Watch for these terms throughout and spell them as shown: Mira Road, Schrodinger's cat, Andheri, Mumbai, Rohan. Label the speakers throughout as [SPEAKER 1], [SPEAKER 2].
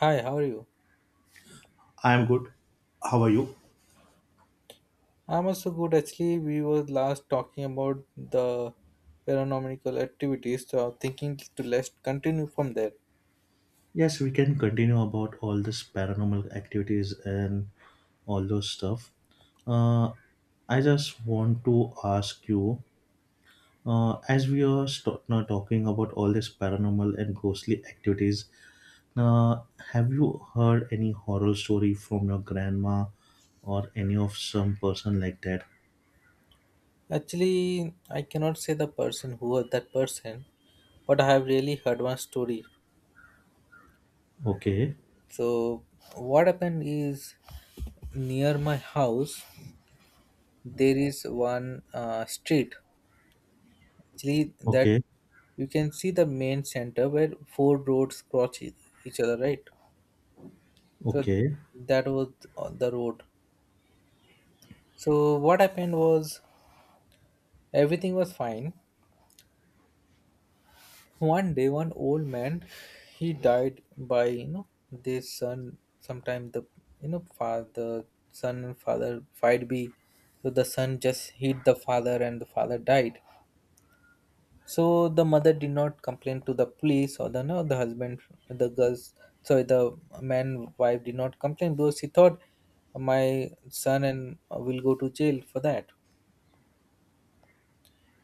[SPEAKER 1] Hi, how are you?
[SPEAKER 2] I'm good. How are you?
[SPEAKER 1] I'm also good. Actually, we were last talking about the paranormal activities, so I'm thinking to let's continue from there.
[SPEAKER 2] Yes, we can continue about all this paranormal activities and all those stuff. Uh, I just want to ask you, as we are now talking about all this paranormal and ghostly activities, uh, have you heard any horror story from your grandma or any of some person like that?
[SPEAKER 1] Actually, I cannot say the person who was that person, but I have really heard one story.
[SPEAKER 2] Okay,
[SPEAKER 1] So, what happened is, near my house there is one street. Actually, that
[SPEAKER 2] okay,
[SPEAKER 1] you can see the main center where four roads cross each other, right? So
[SPEAKER 2] okay,
[SPEAKER 1] that was on the road. So what happened was, everything was fine. One day, one old man, he died by you know this son. Sometimes the you know father, son and father fight be, so the son just hit the father and the father died. So the mother did not complain to the police, or the no the husband, the girls, sorry, the man, wife did not complain because she thought my son and will go to jail for that.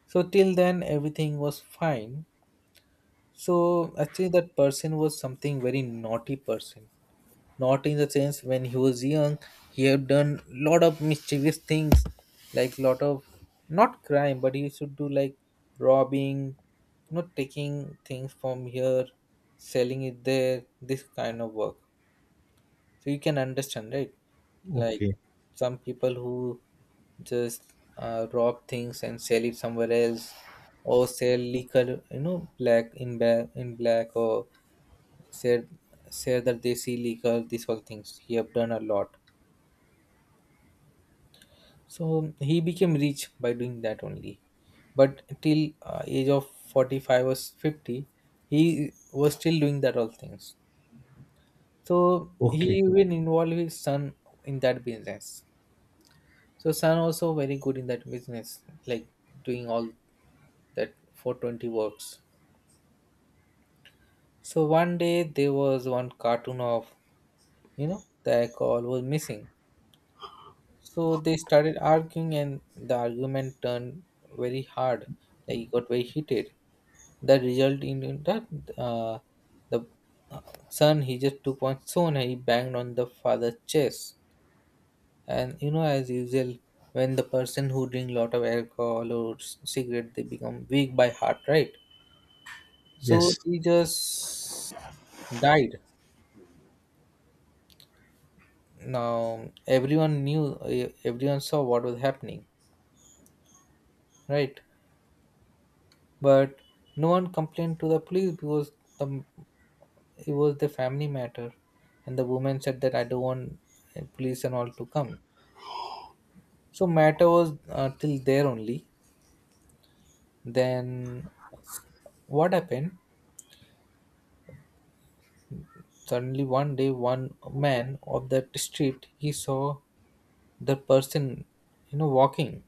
[SPEAKER 1] So till then everything was fine. So actually that person was something very naughty person. Not in the sense, when he was young, he had done lot of mischievous things, like lot of not crime, but he used to do like robbing, not taking things from here, selling it there, this kind of work. So you can understand, right? Like
[SPEAKER 2] okay,
[SPEAKER 1] some people who just rob things and sell it somewhere else, or sell liquor, you know, black in black in black, or sell sell that they see liquor. These all things he have done a lot. So he became rich by doing that only. But till age of 45 or 50, he was still doing that all things. So
[SPEAKER 2] okay.
[SPEAKER 1] he even involved his son in that business. So Sun also very good in that business, like doing all that 420 works. So one day there was one cartoon of, you know, the alcohol was missing. So they started arguing and the argument turned very hard, like it got very heated. That result in that, uh, the uh, son, he just took one stone and he banged on the father's chest. And you know, as usual, when the person who drink lot of alcohol or cigarette, they become weak by heart, right? So
[SPEAKER 2] Yes,
[SPEAKER 1] he just died. Now everyone knew, everyone saw what was happening, right? But no one complained to the police because the it was the family matter, and the woman said that I don't want police and all to come. So matter was till there only. Then what happened? Suddenly one day, one man of that street, he saw the person, you know, walking.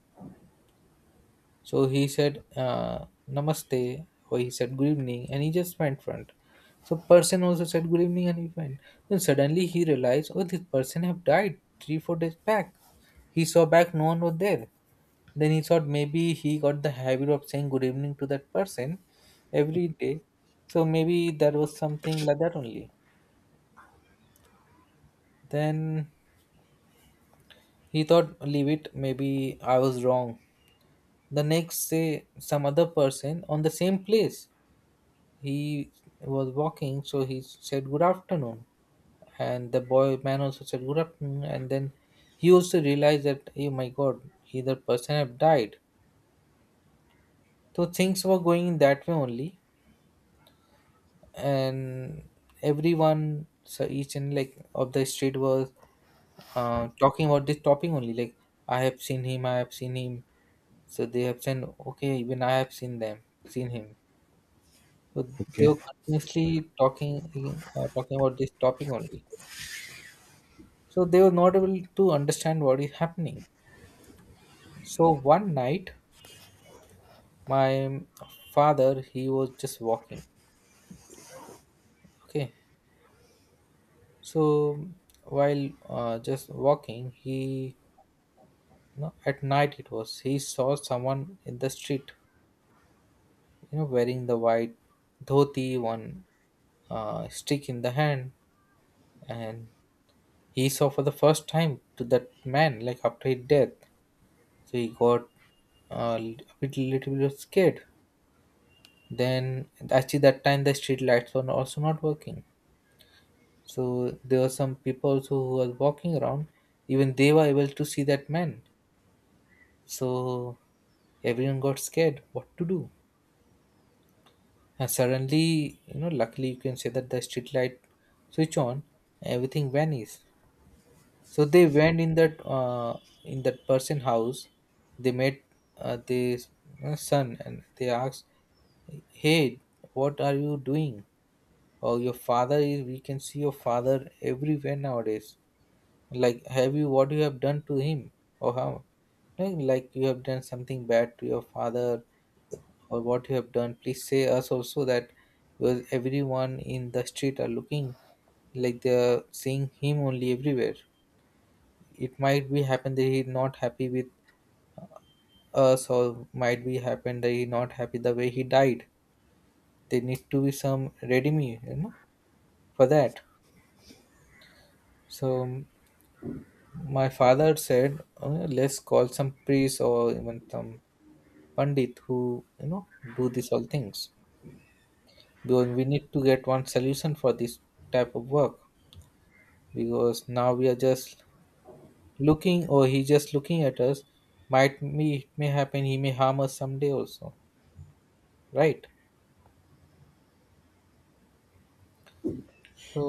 [SPEAKER 1] So he said namaste, or he said good evening, and he just went front. So person also said good evening and he went. Then suddenly he realized, oh, this person have died three four days back. He saw back, no one was there. Then he thought maybe he got the habit of saying good evening to that person every day. So maybe that was something like that only. Then he thought, leave it, maybe I was wrong. The next day, some other person on the same place. He was walking, so he said, good afternoon. And the boy man also said, good afternoon. And then he also realized that, oh my god, either person have died. So things were going that way only. And everyone, so each and like of the street was talking about this topic only. Like, I have seen him, I have seen him. So they have said, okay, even I have seen them, seen him. So they
[SPEAKER 2] okay.
[SPEAKER 1] were continuously talking about this topic only. So they were not able to understand what is happening. So one night, my father, he was just walking. Okay, so while just walking, he you at night it was he saw someone in the street, you know, wearing the white dhoti, one stick in the hand, and he saw for the first time to that man like after his death. So he got a bit little bit scared. Then actually that time the street lights were also not working, so there were some people also who were walking around. Even they were able to see that man. So everyone got scared what to do. And suddenly, you know, luckily you can say that the street light switch on, everything vanishes. So they went in that person house. They met the son, and they asked, "Hey, what are you doing? Oh, your father is? We can see your father everywhere nowadays. Like, have you what you have done to him? Or how? Like, you have done something bad to your father, or what you have done? Please say us also that." Because everyone in the street are looking, like they are seeing him only everywhere. It might be happen that he not happy with us, or might be happen that he not happy the way he died. There need to be some redeeming, you know, for that. So my father said, Let's call some priest or even some pandit who you know do these all things, because we need to get one solution for this type of work, because now we are just looking, or he just looking at us. Might be it may happen he may harm us someday also, right?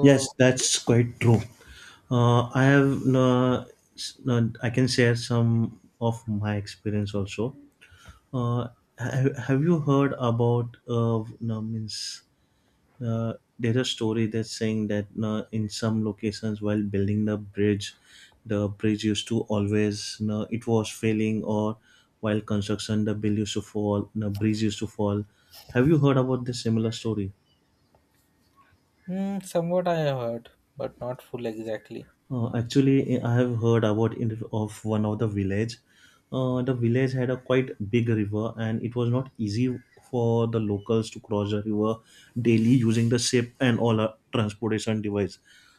[SPEAKER 2] Yes, that's quite true. I have I can share some of my experience also. Uh, have you heard about no, means there's a story that's saying that in some locations while building the bridge used to always no, it was failing or while construction the bill used to fall, the bridge used to fall. Have you heard about this similar story?
[SPEAKER 1] Hmm, somewhat I have heard, but not full exactly.
[SPEAKER 2] Actually, I have heard about it of one of the village. The village had a quite big river, and it was not easy for the locals to cross the river daily using the ship and all our transportation device.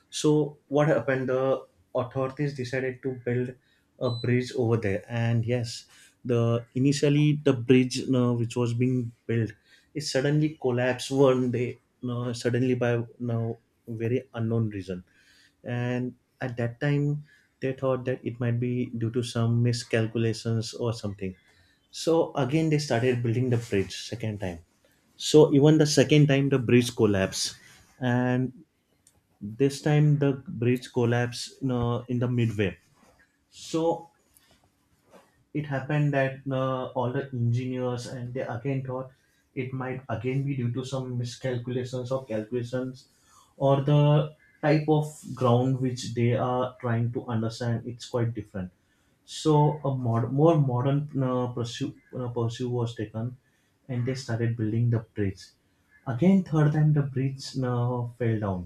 [SPEAKER 2] So what happened? The authorities decided to build a bridge over there, and yes, the initially the bridge which was being built, it suddenly collapsed one day, suddenly by now very unknown reason. And at that time they thought that it might be due to some miscalculations or something, so again they started building the bridge second time. So even the second time the bridge collapsed, and this time the bridge collapsed, you know, in the midway. So it happened that all the engineers, and they again thought it might again be due to some miscalculations or calculations or the type of ground which they are trying to understand it's quite different. So a more modern pursuit was taken, and they started building the bridge again third time. The bridge fell down,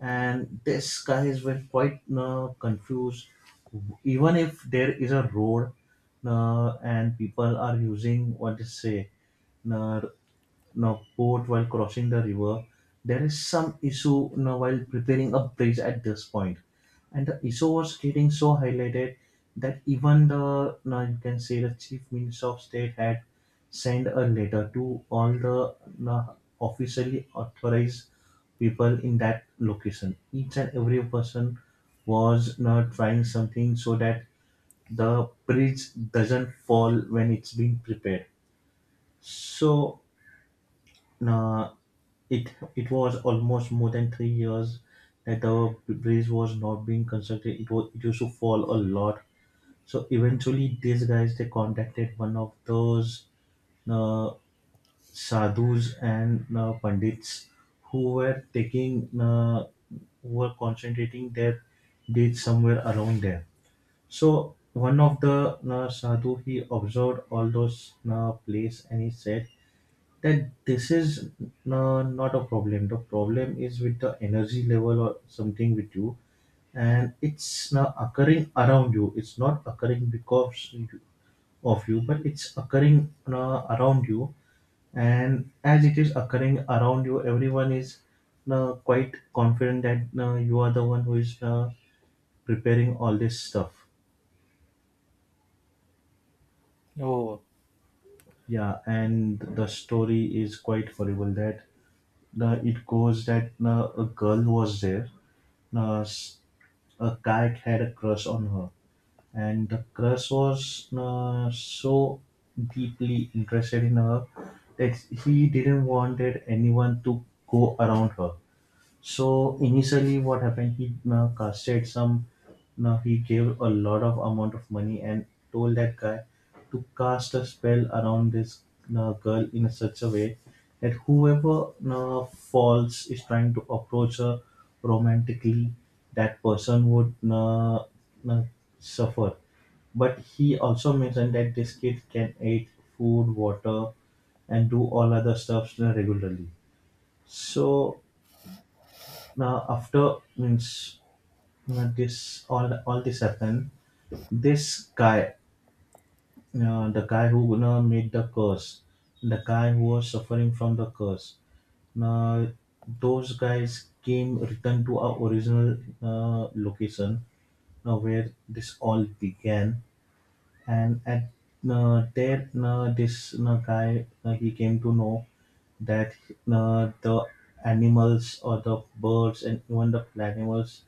[SPEAKER 2] and these guys were quite confused. Even if there is a road, and people are using what to say, uh, now port while crossing the river. There is some issue now while preparing a bridge at this point, and the issue was getting so highlighted that even the now you can say the chief minister of state had sent a letter to all the now officially authorized people in that location. Each and every person was now trying something so that the bridge doesn't fall when it's being prepared. So uh, it was almost more than 3 years that our bridge was not being constructed. It was it used to fall a lot. So eventually, these guys they contacted one of those uh, sadhus and pandits who were taking who were concentrating their deeds somewhere around there. So one of the sadhu he observed all those place and he said that this is not a problem. The problem is with the energy level or something with you, and it's now occurring around you. It's not occurring because of you, but it's occurring around you. And as it is occurring around you, everyone is quite confident that you are the one who is preparing all this stuff.
[SPEAKER 1] Oh,
[SPEAKER 2] Yeah, and the story is quite horrible that it goes that a girl was there, uh, s- a cat had a crush on her, and the crush was so deeply interested in her that he didn't wanted anyone to go around her. So initially, what happened? He casted some. Now he gave a lot of amount of money and told that guy to cast a spell around this girl in a such a way that whoever falls is trying to approach her romantically, that person would uh, suffer. But he also mentioned that this kid can eat food, water, and do all other stuffs regularly. So now after means, you know, this all this happened, this guy, you know, the guy who, you know, made the curse, the guy who was suffering from the curse. Now those guys came returned to our original location, where this all began, and at there this guy he came to know that the animals or the birds and even the animals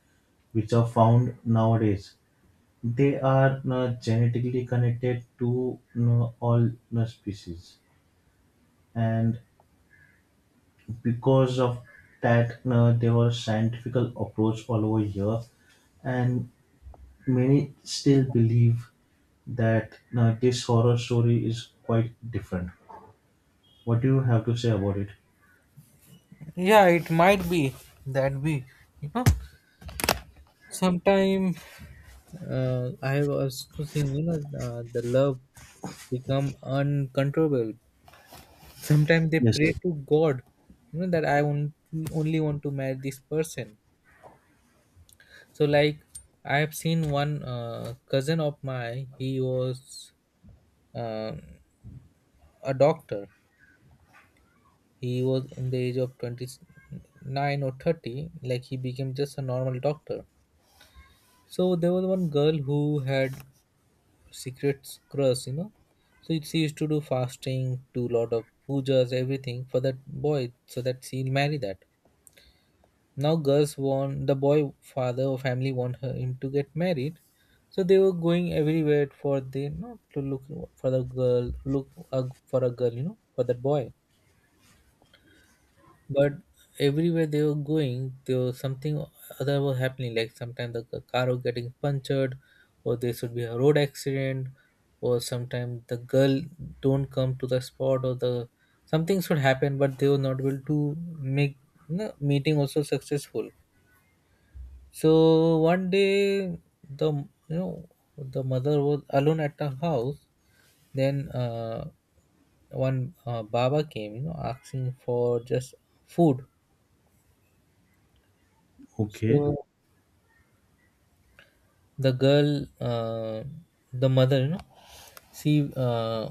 [SPEAKER 2] which are found nowadays. They are genetically connected to all species, and because of that, there was scientific approach all over here, and many still believe that this horror story is quite different. What do you have to say about it?
[SPEAKER 1] yeah, it might be that be. You know, sometime I have also seen, you know, the love become uncontrollable. Sometimes they
[SPEAKER 2] Yes.
[SPEAKER 1] pray to God, you know, that I want only want to marry this person. So, like, I have seen one cousin of mine. He was um a doctor. He was in the age of 29 or 30, like he became just a normal doctor. So there was one girl who had secret crush, you know. So she used to do fasting, do lot of pujas, everything for that boy, so that she'll marry that. Now girls want the boy, father or family want her him to get married. So they were going everywhere for the you know to look for the girl, look for a girl, you know, for that boy. But everywhere they were going there was something other was happening. Like sometimes the car was getting punctured, or there should be a road accident, or sometimes the girl don't come to the spot, or the something should happen. But they were not able to make you meeting also successful. So one day, the you know the mother was alone at the house. Then one baba came, you know, asking for just food.
[SPEAKER 2] Okay.
[SPEAKER 1] So the girl uh, the mother, you know, she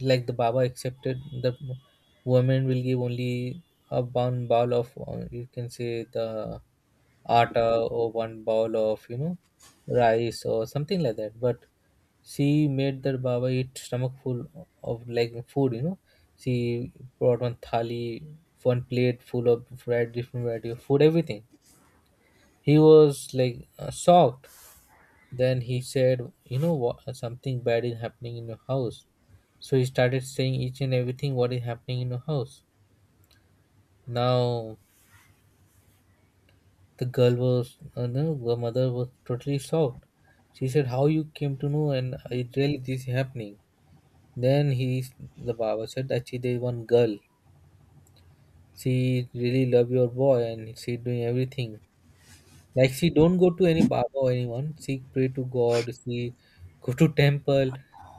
[SPEAKER 1] like the baba accepted, the woman will give only a one bowl of, you can say, the atta, or one bowl of, you know, rice or something like that, but she made the baba eat stomach full of like food, you know. She brought one thali, one plate full of variety different variety of food, everything. He was like shocked. Then he said, you know what? Something bad is happening in your house. So he started saying each and everything what is happening in your house. Now the girl was, no, the mother was totally shocked. She said, "How you came to know?" And it really this is happening. Then the Baba said, actually there is one girl. She really love your boy and she doing everything. Like she don't go to any Baba or anyone. She pray to God, she go to temple,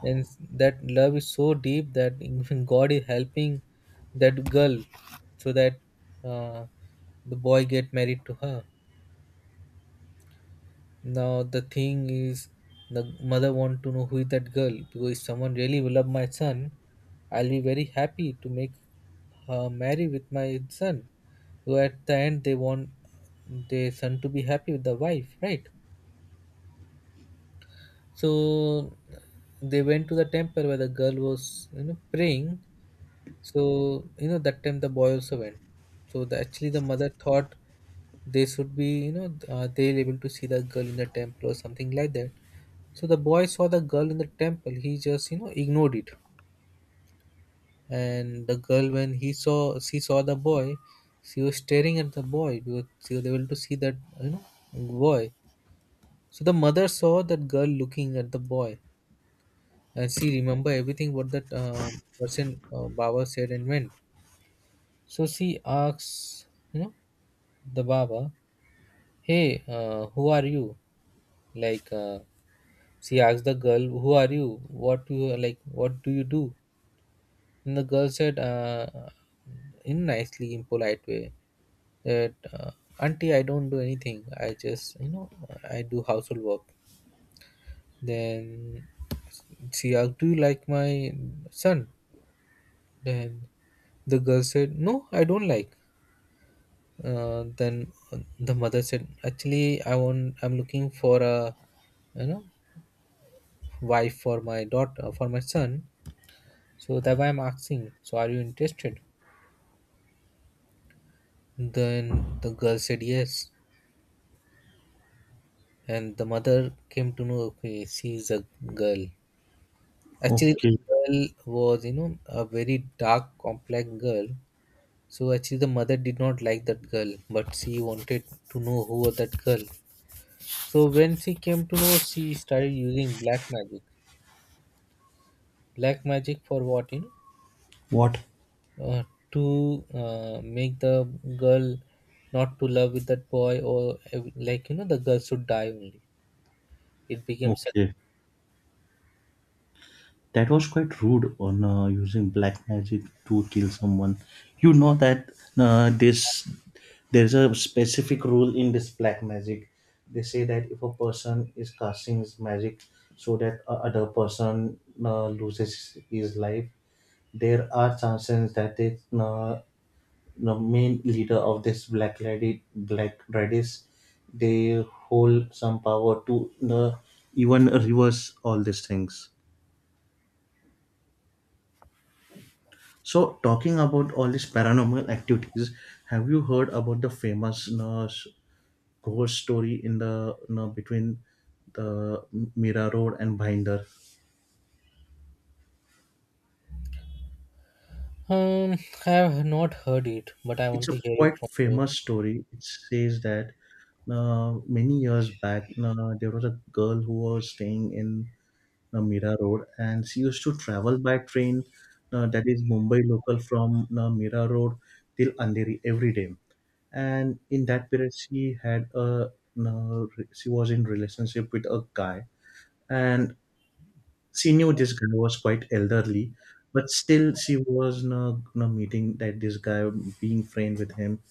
[SPEAKER 1] and that love is so deep that even God is helping that girl so that uh, the boy get married to her. Now the thing is, the mother want to know who is that girl, because if someone really will love my son, I'll be very happy to make her marry with my son. So at the end, they want their son to be happy with the wife, right? So they went to the temple where the girl was, you know, praying. So you know that time the boy also went. So actually the mother thought they should be, you know, they'll able to see the girl in the temple or something like that. So the boy saw the girl in the temple. He just, you know, ignored it. And the girl, when he saw, she saw the boy. She was staring at the boy because she was able to see that, you know, boy. So the mother saw that girl looking at the boy, and she remember everything what that person Baba said and went. So she asks, you know, the Baba, "Hey, who are you?" Like she asked the girl, "Who are you? What do you like? What do you do?" And the girl said, in nicely, in polite way, that "Auntie, I don't do anything. I just, you know, I do household work." Then she asked, "Do you like my son?" Then the girl said, "No, I don't like." Then the mother said, "Actually, I want. I'm looking for a, you know, wife for my daughter, for my son. So that's why I'm asking. So are you interested?" Then the girl said yes, and the mother came to know. Okay, she is a girl. Actually, the
[SPEAKER 2] Okay.
[SPEAKER 1] girl was, you know, a very dark, complex girl. So actually, the mother did not like that girl, but she wanted to know who was that girl. So when she came to know, she started using black magic. Black magic for what? You know,
[SPEAKER 2] What?
[SPEAKER 1] uh, to make the girl not to love with that boy, or like you know, the girl should die only. It became such.
[SPEAKER 2] Okay. That was quite rude on using black magic to kill someone. You know that this there's a specific rule in this black magic. They say that if a person is casting his magic so that a other person loses his life, there are chances that the main leader of this black lady black radish they hold some power to even reverse all these things. So, talking about all these paranormal activities, have you heard about the famous, you know, ghost story in the, you know, between the Mira Road and Binder?
[SPEAKER 1] um, I have not heard it, but I
[SPEAKER 2] It's
[SPEAKER 1] want
[SPEAKER 2] a
[SPEAKER 1] to hear
[SPEAKER 2] quite
[SPEAKER 1] it from you.
[SPEAKER 2] famous story. It says that many years back, there was a girl who was staying in Mira Road, and she used to travel by train, that is Mumbai local from Mira Road till Andheri every day. And in that period, she had a she was in relationship with a guy, and she knew this guy was quite elderly, but still she was meeting that this guy, being friend with him,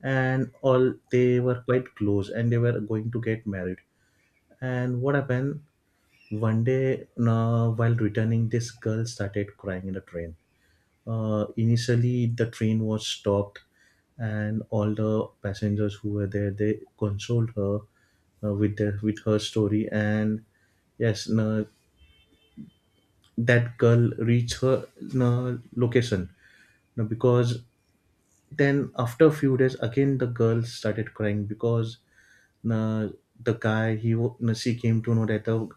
[SPEAKER 2] and all they were quite close, and they were going to get married. And what happened? One day, while returning, this girl started crying in the train. Initially, the train was stopped, and all the passengers who were there they consoled her with her story. And yes, no, that girl reached her no, location now because then after a few days, again the girl started crying because uh, the guy she came to know that the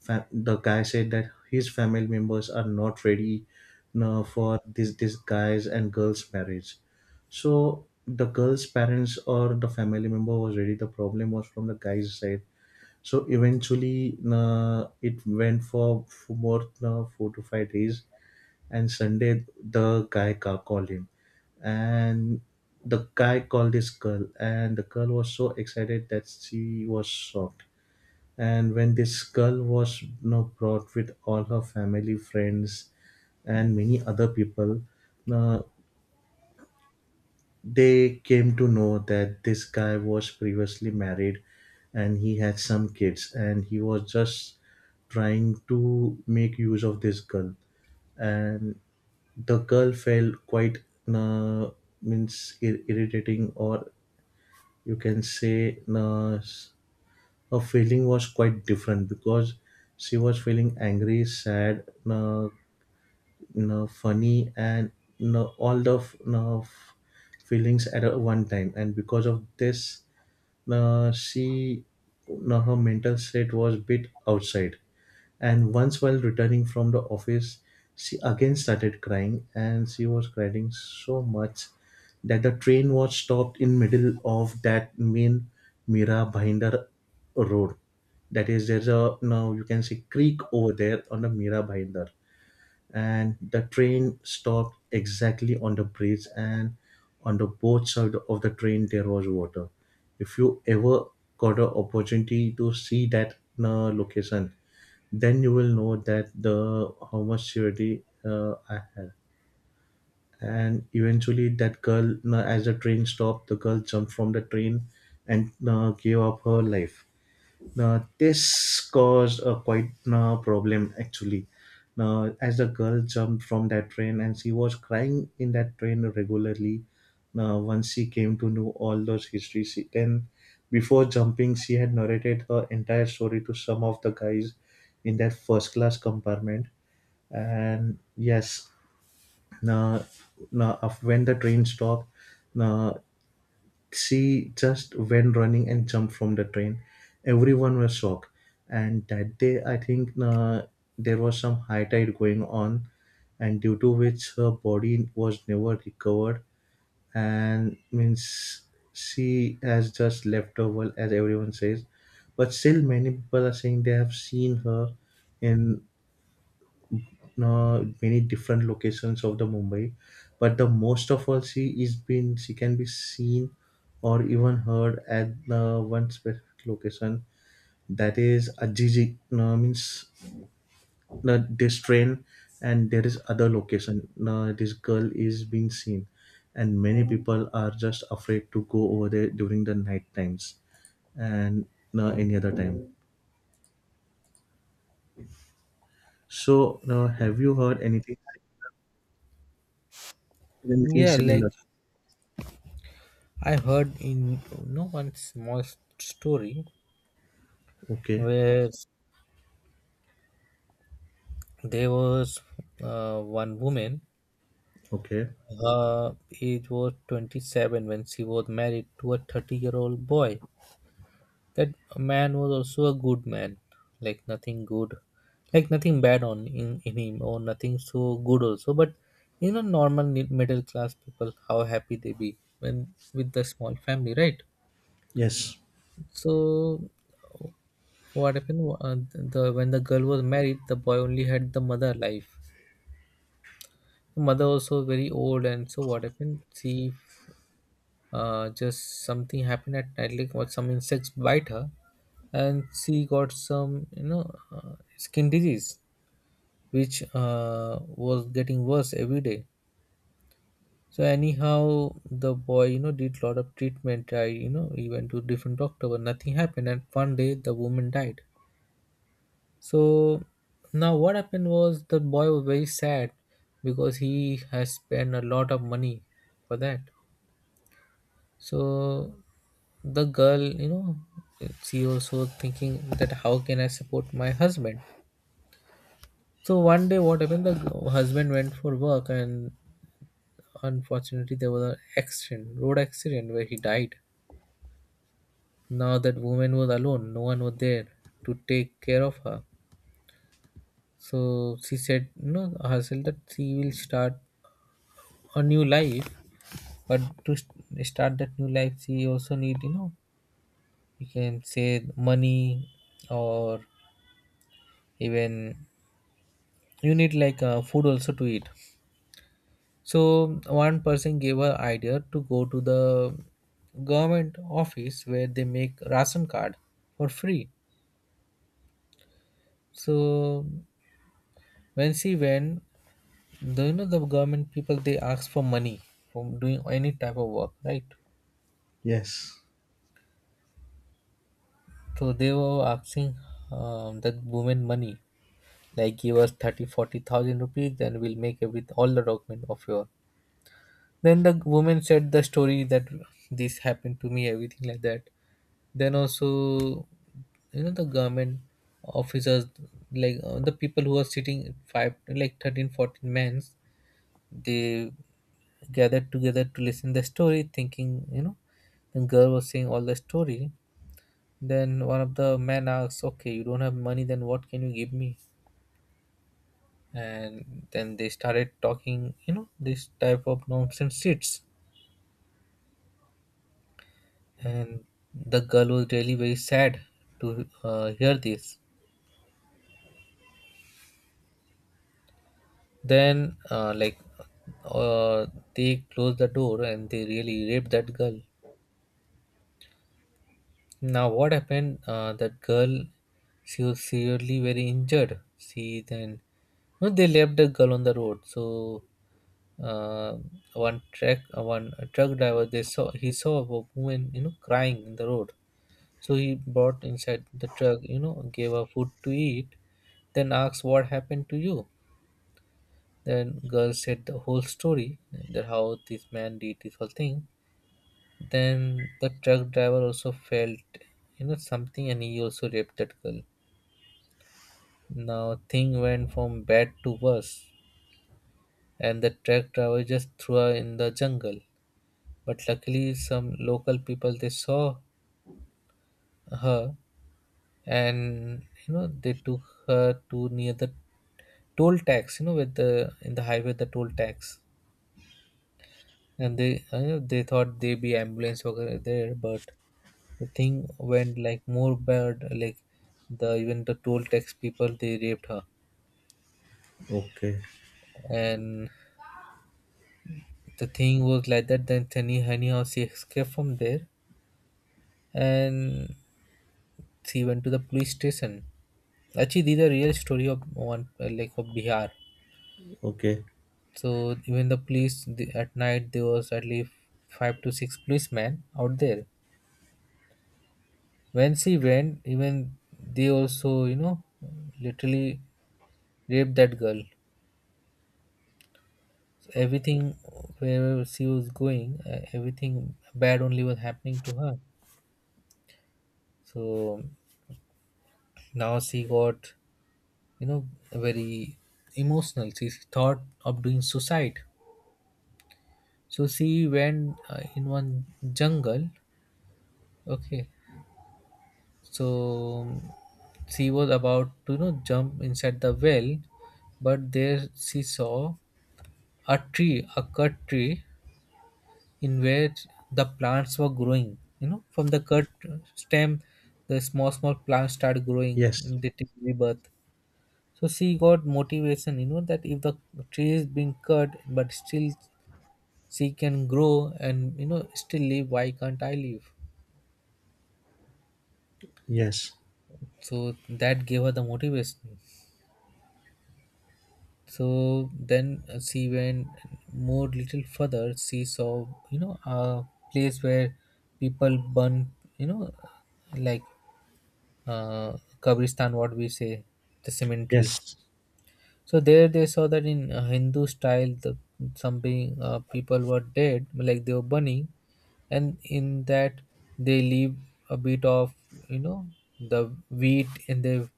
[SPEAKER 2] the guy said that his family members are not ready for this guys and girls marriage. So the girl's parents or the family member was ready. The problem was from the guy's side. So eventually, it went for more 4 to 5 days, and Sunday the guy called him, and the guy called this girl, and the girl was so excited that she was shocked. And when this girl was, you know, brought with all her family friends and many other people, uh, they came to know that this guy was previously married and he had some kids and he was just trying to make use of this girl, and the girl felt quite uh, means irritating or you can say her feeling was quite different because she was feeling angry sad, uh, funny and all the uh, feelings at a one time, and because of this she now her mental state was bit outside. And once while returning from the office, she again started crying and she was crying so much that the train was stopped in middle of that main Mira Bhinder road, that is there's a now you can see creek over there on the Mira Bhinder, and the train stopped exactly on the bridge, and on the both side of the train there was water. If you ever got an opportunity to see that location, then you will know that the how much surety I had. And eventually that girl as the train stopped the girl jumped from the train and gave up her life. Now, this caused a quite problem actually. Now, as the girl jumped from that train and she was crying in that train regularly. Now, once she came to know all those histories, she, then before jumping, she had narrated her entire story to some of the guys in that first class compartment. And yes, now, when the train stopped, now she just went running and jumped from the train. Everyone was shocked. And that day, I think, there was some high tide going on, and due to which her body was never recovered. And means she has just left the world, as everyone says. But still, many people are saying they have seen her in many different locations of the Mumbai, but the most of all she is been she can be seen or even heard at one specific location, that is Ajiji, means this train. And there is other location this girl is being seen, and many people are just afraid to go over there during the night times and any other time. So have you heard anything
[SPEAKER 1] Yeah,
[SPEAKER 2] similar?
[SPEAKER 1] like I heard in you know one small story
[SPEAKER 2] Okay,
[SPEAKER 1] where there was one woman.
[SPEAKER 2] okay.
[SPEAKER 1] Her age was 27 when she was married to a 30-year-old boy. That man was also a good man, like nothing good, like nothing bad on in him, or nothing so good also. But you know, normal middle class people, how happy they be when with the small family, right?
[SPEAKER 2] Yes.
[SPEAKER 1] So, what happened? The when the girl was married, the boy only had the mother alive. The mother also very old, and so what happened? She just something happened at night like what some insects bite her, and she got some you know skin disease which was getting worse every day. So anyhow the boy you know did lot of treatment. I you know he went to different doctor but nothing happened, and one day the woman died. So now what happened was the boy was very sad because he has spent a lot of money for that. So the girl you know she also thinking that how can I support my husband. So one day what happened, the husband went for work and unfortunately there was an accident, road accident where he died. Now that woman was alone, no one was there to take care of her. So she said you know herself that she will start a new life. But to start that new life she also need you know, you can say money, or even you need like food also to eat. So one person gave her idea to go to the government office where they make ration card for free. So when she went, the you know the government people they ask for money for doing any type of work, right?
[SPEAKER 2] Yes.
[SPEAKER 1] So they were asking that woman money, like give us 30, 40,000 rupees, then we'll make it with all the document of your. Then the woman said the story that this happened to me everything like that. Then also you know the government officers, like the people who are sitting five like 13, fourteen 14 men, they gathered together to listen the story thinking you know the girl was saying all the story. Then one of the men asks okay you don't have money then what can you give me. And then they started talking you know this type of nonsense shits. And the girl was really very sad to hear this. Then, uh, they closed the door and they really raped that girl. Now, what happened? That girl, she was severely very injured. She then, no, they left the girl on the road. So, uh, one truck driver, they saw he saw a woman, you know, crying in the road. So he brought inside the truck, you know, gave her food to eat, then asked what happened to you. Then girl said the whole story, that how this man did this whole thing. Then the truck driver also felt you know something, and he also raped that girl. Now thing went from bad to worse, and the truck driver just threw her in the jungle. But luckily some local people they saw her, and you know they took her to near the toll tax, you know, with the in the highway the toll tax, and they you know they thought they be ambulance worker there. But the thing went like more bad, like the even the Toltecs people they raped her.
[SPEAKER 2] Okay.
[SPEAKER 1] And the thing was like that, then Sunny anyhow she escaped from there, and she went to the police station. Actually these are real story of one like of Bihar.
[SPEAKER 2] Okay.
[SPEAKER 1] So even the police the, at night there was at least five to six policemen out there. When she went, even they also you know literally raped that girl. Everything, where she was going, everything bad only was happening to her. So now she got you know very emotional, she thought of doing suicide. So she went in one jungle, okay. So she was about to you know jump inside the well, but there she saw a tree, a cut tree in which the plants were growing. You know, from the cut stem, the small small plants start growing
[SPEAKER 2] Yes.
[SPEAKER 1] and they take rebirth. So she got motivation. You know that if the tree is being cut, but still she can grow and you know still live. Why can't I live?
[SPEAKER 2] Yes.
[SPEAKER 1] So that gave her the motivation. So then she went more little further. She saw you know a place where people burn you know like Kabristan, what we say, the cemetery.
[SPEAKER 2] Yes.
[SPEAKER 1] So there they saw that in Hindu style, the, some being, people were dead, like they were burning, and in that they leave a bit of you know the wheat and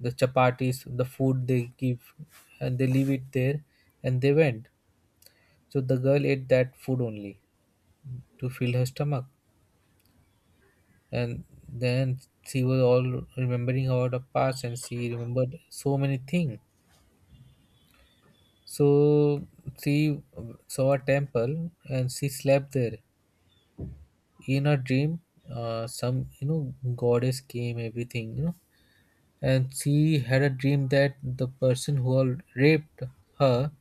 [SPEAKER 1] the chapatis, the food they give, and they leave it there, and they went. So the girl ate that food only to fill her stomach. And then she was all remembering about the past and she remembered so many things. So she saw a temple and she slept there. In a dream some you know goddess came everything you know, and she had a dream that the person who all raped her,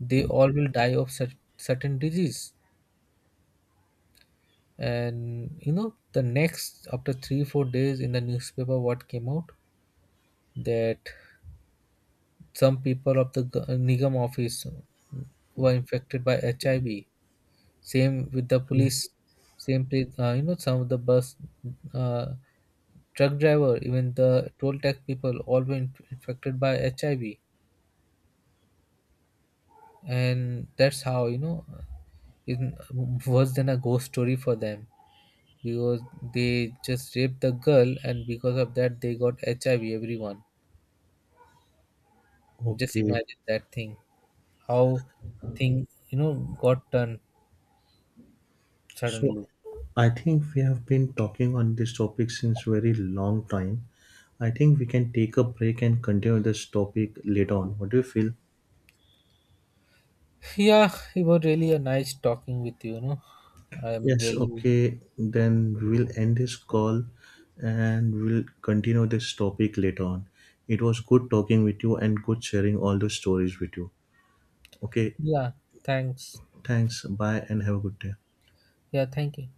[SPEAKER 1] they all will die of such certain disease. And you know the next after 3 4 days in the newspaper what came out, that some people of the Nigam office were infected by HIV. Same with the
[SPEAKER 2] Yeah.
[SPEAKER 1] police. Same place, you know, some of the bus, uh, truck driver, even the toll tax people, all were infected by HIV, and that's how you know, it worse than a ghost story for them, because they just raped the girl, and because of that, they got HIV. Everyone, just
[SPEAKER 2] Okay.
[SPEAKER 1] imagine that thing. How thing you know got done
[SPEAKER 2] So
[SPEAKER 1] suddenly.
[SPEAKER 2] I think we have been talking on this topic since very long time. I think we can take a break and continue this topic later on. What do you feel?
[SPEAKER 1] Yeah, it was really a nice talking with you, you know. I'm
[SPEAKER 2] Yes,
[SPEAKER 1] really
[SPEAKER 2] okay. Then we'll end this call and we'll continue this topic later on. It was good talking with you and good sharing all the stories with you. Okay,
[SPEAKER 1] yeah, thanks.
[SPEAKER 2] thanks. Bye and have a good day.
[SPEAKER 1] Yeah, thank you.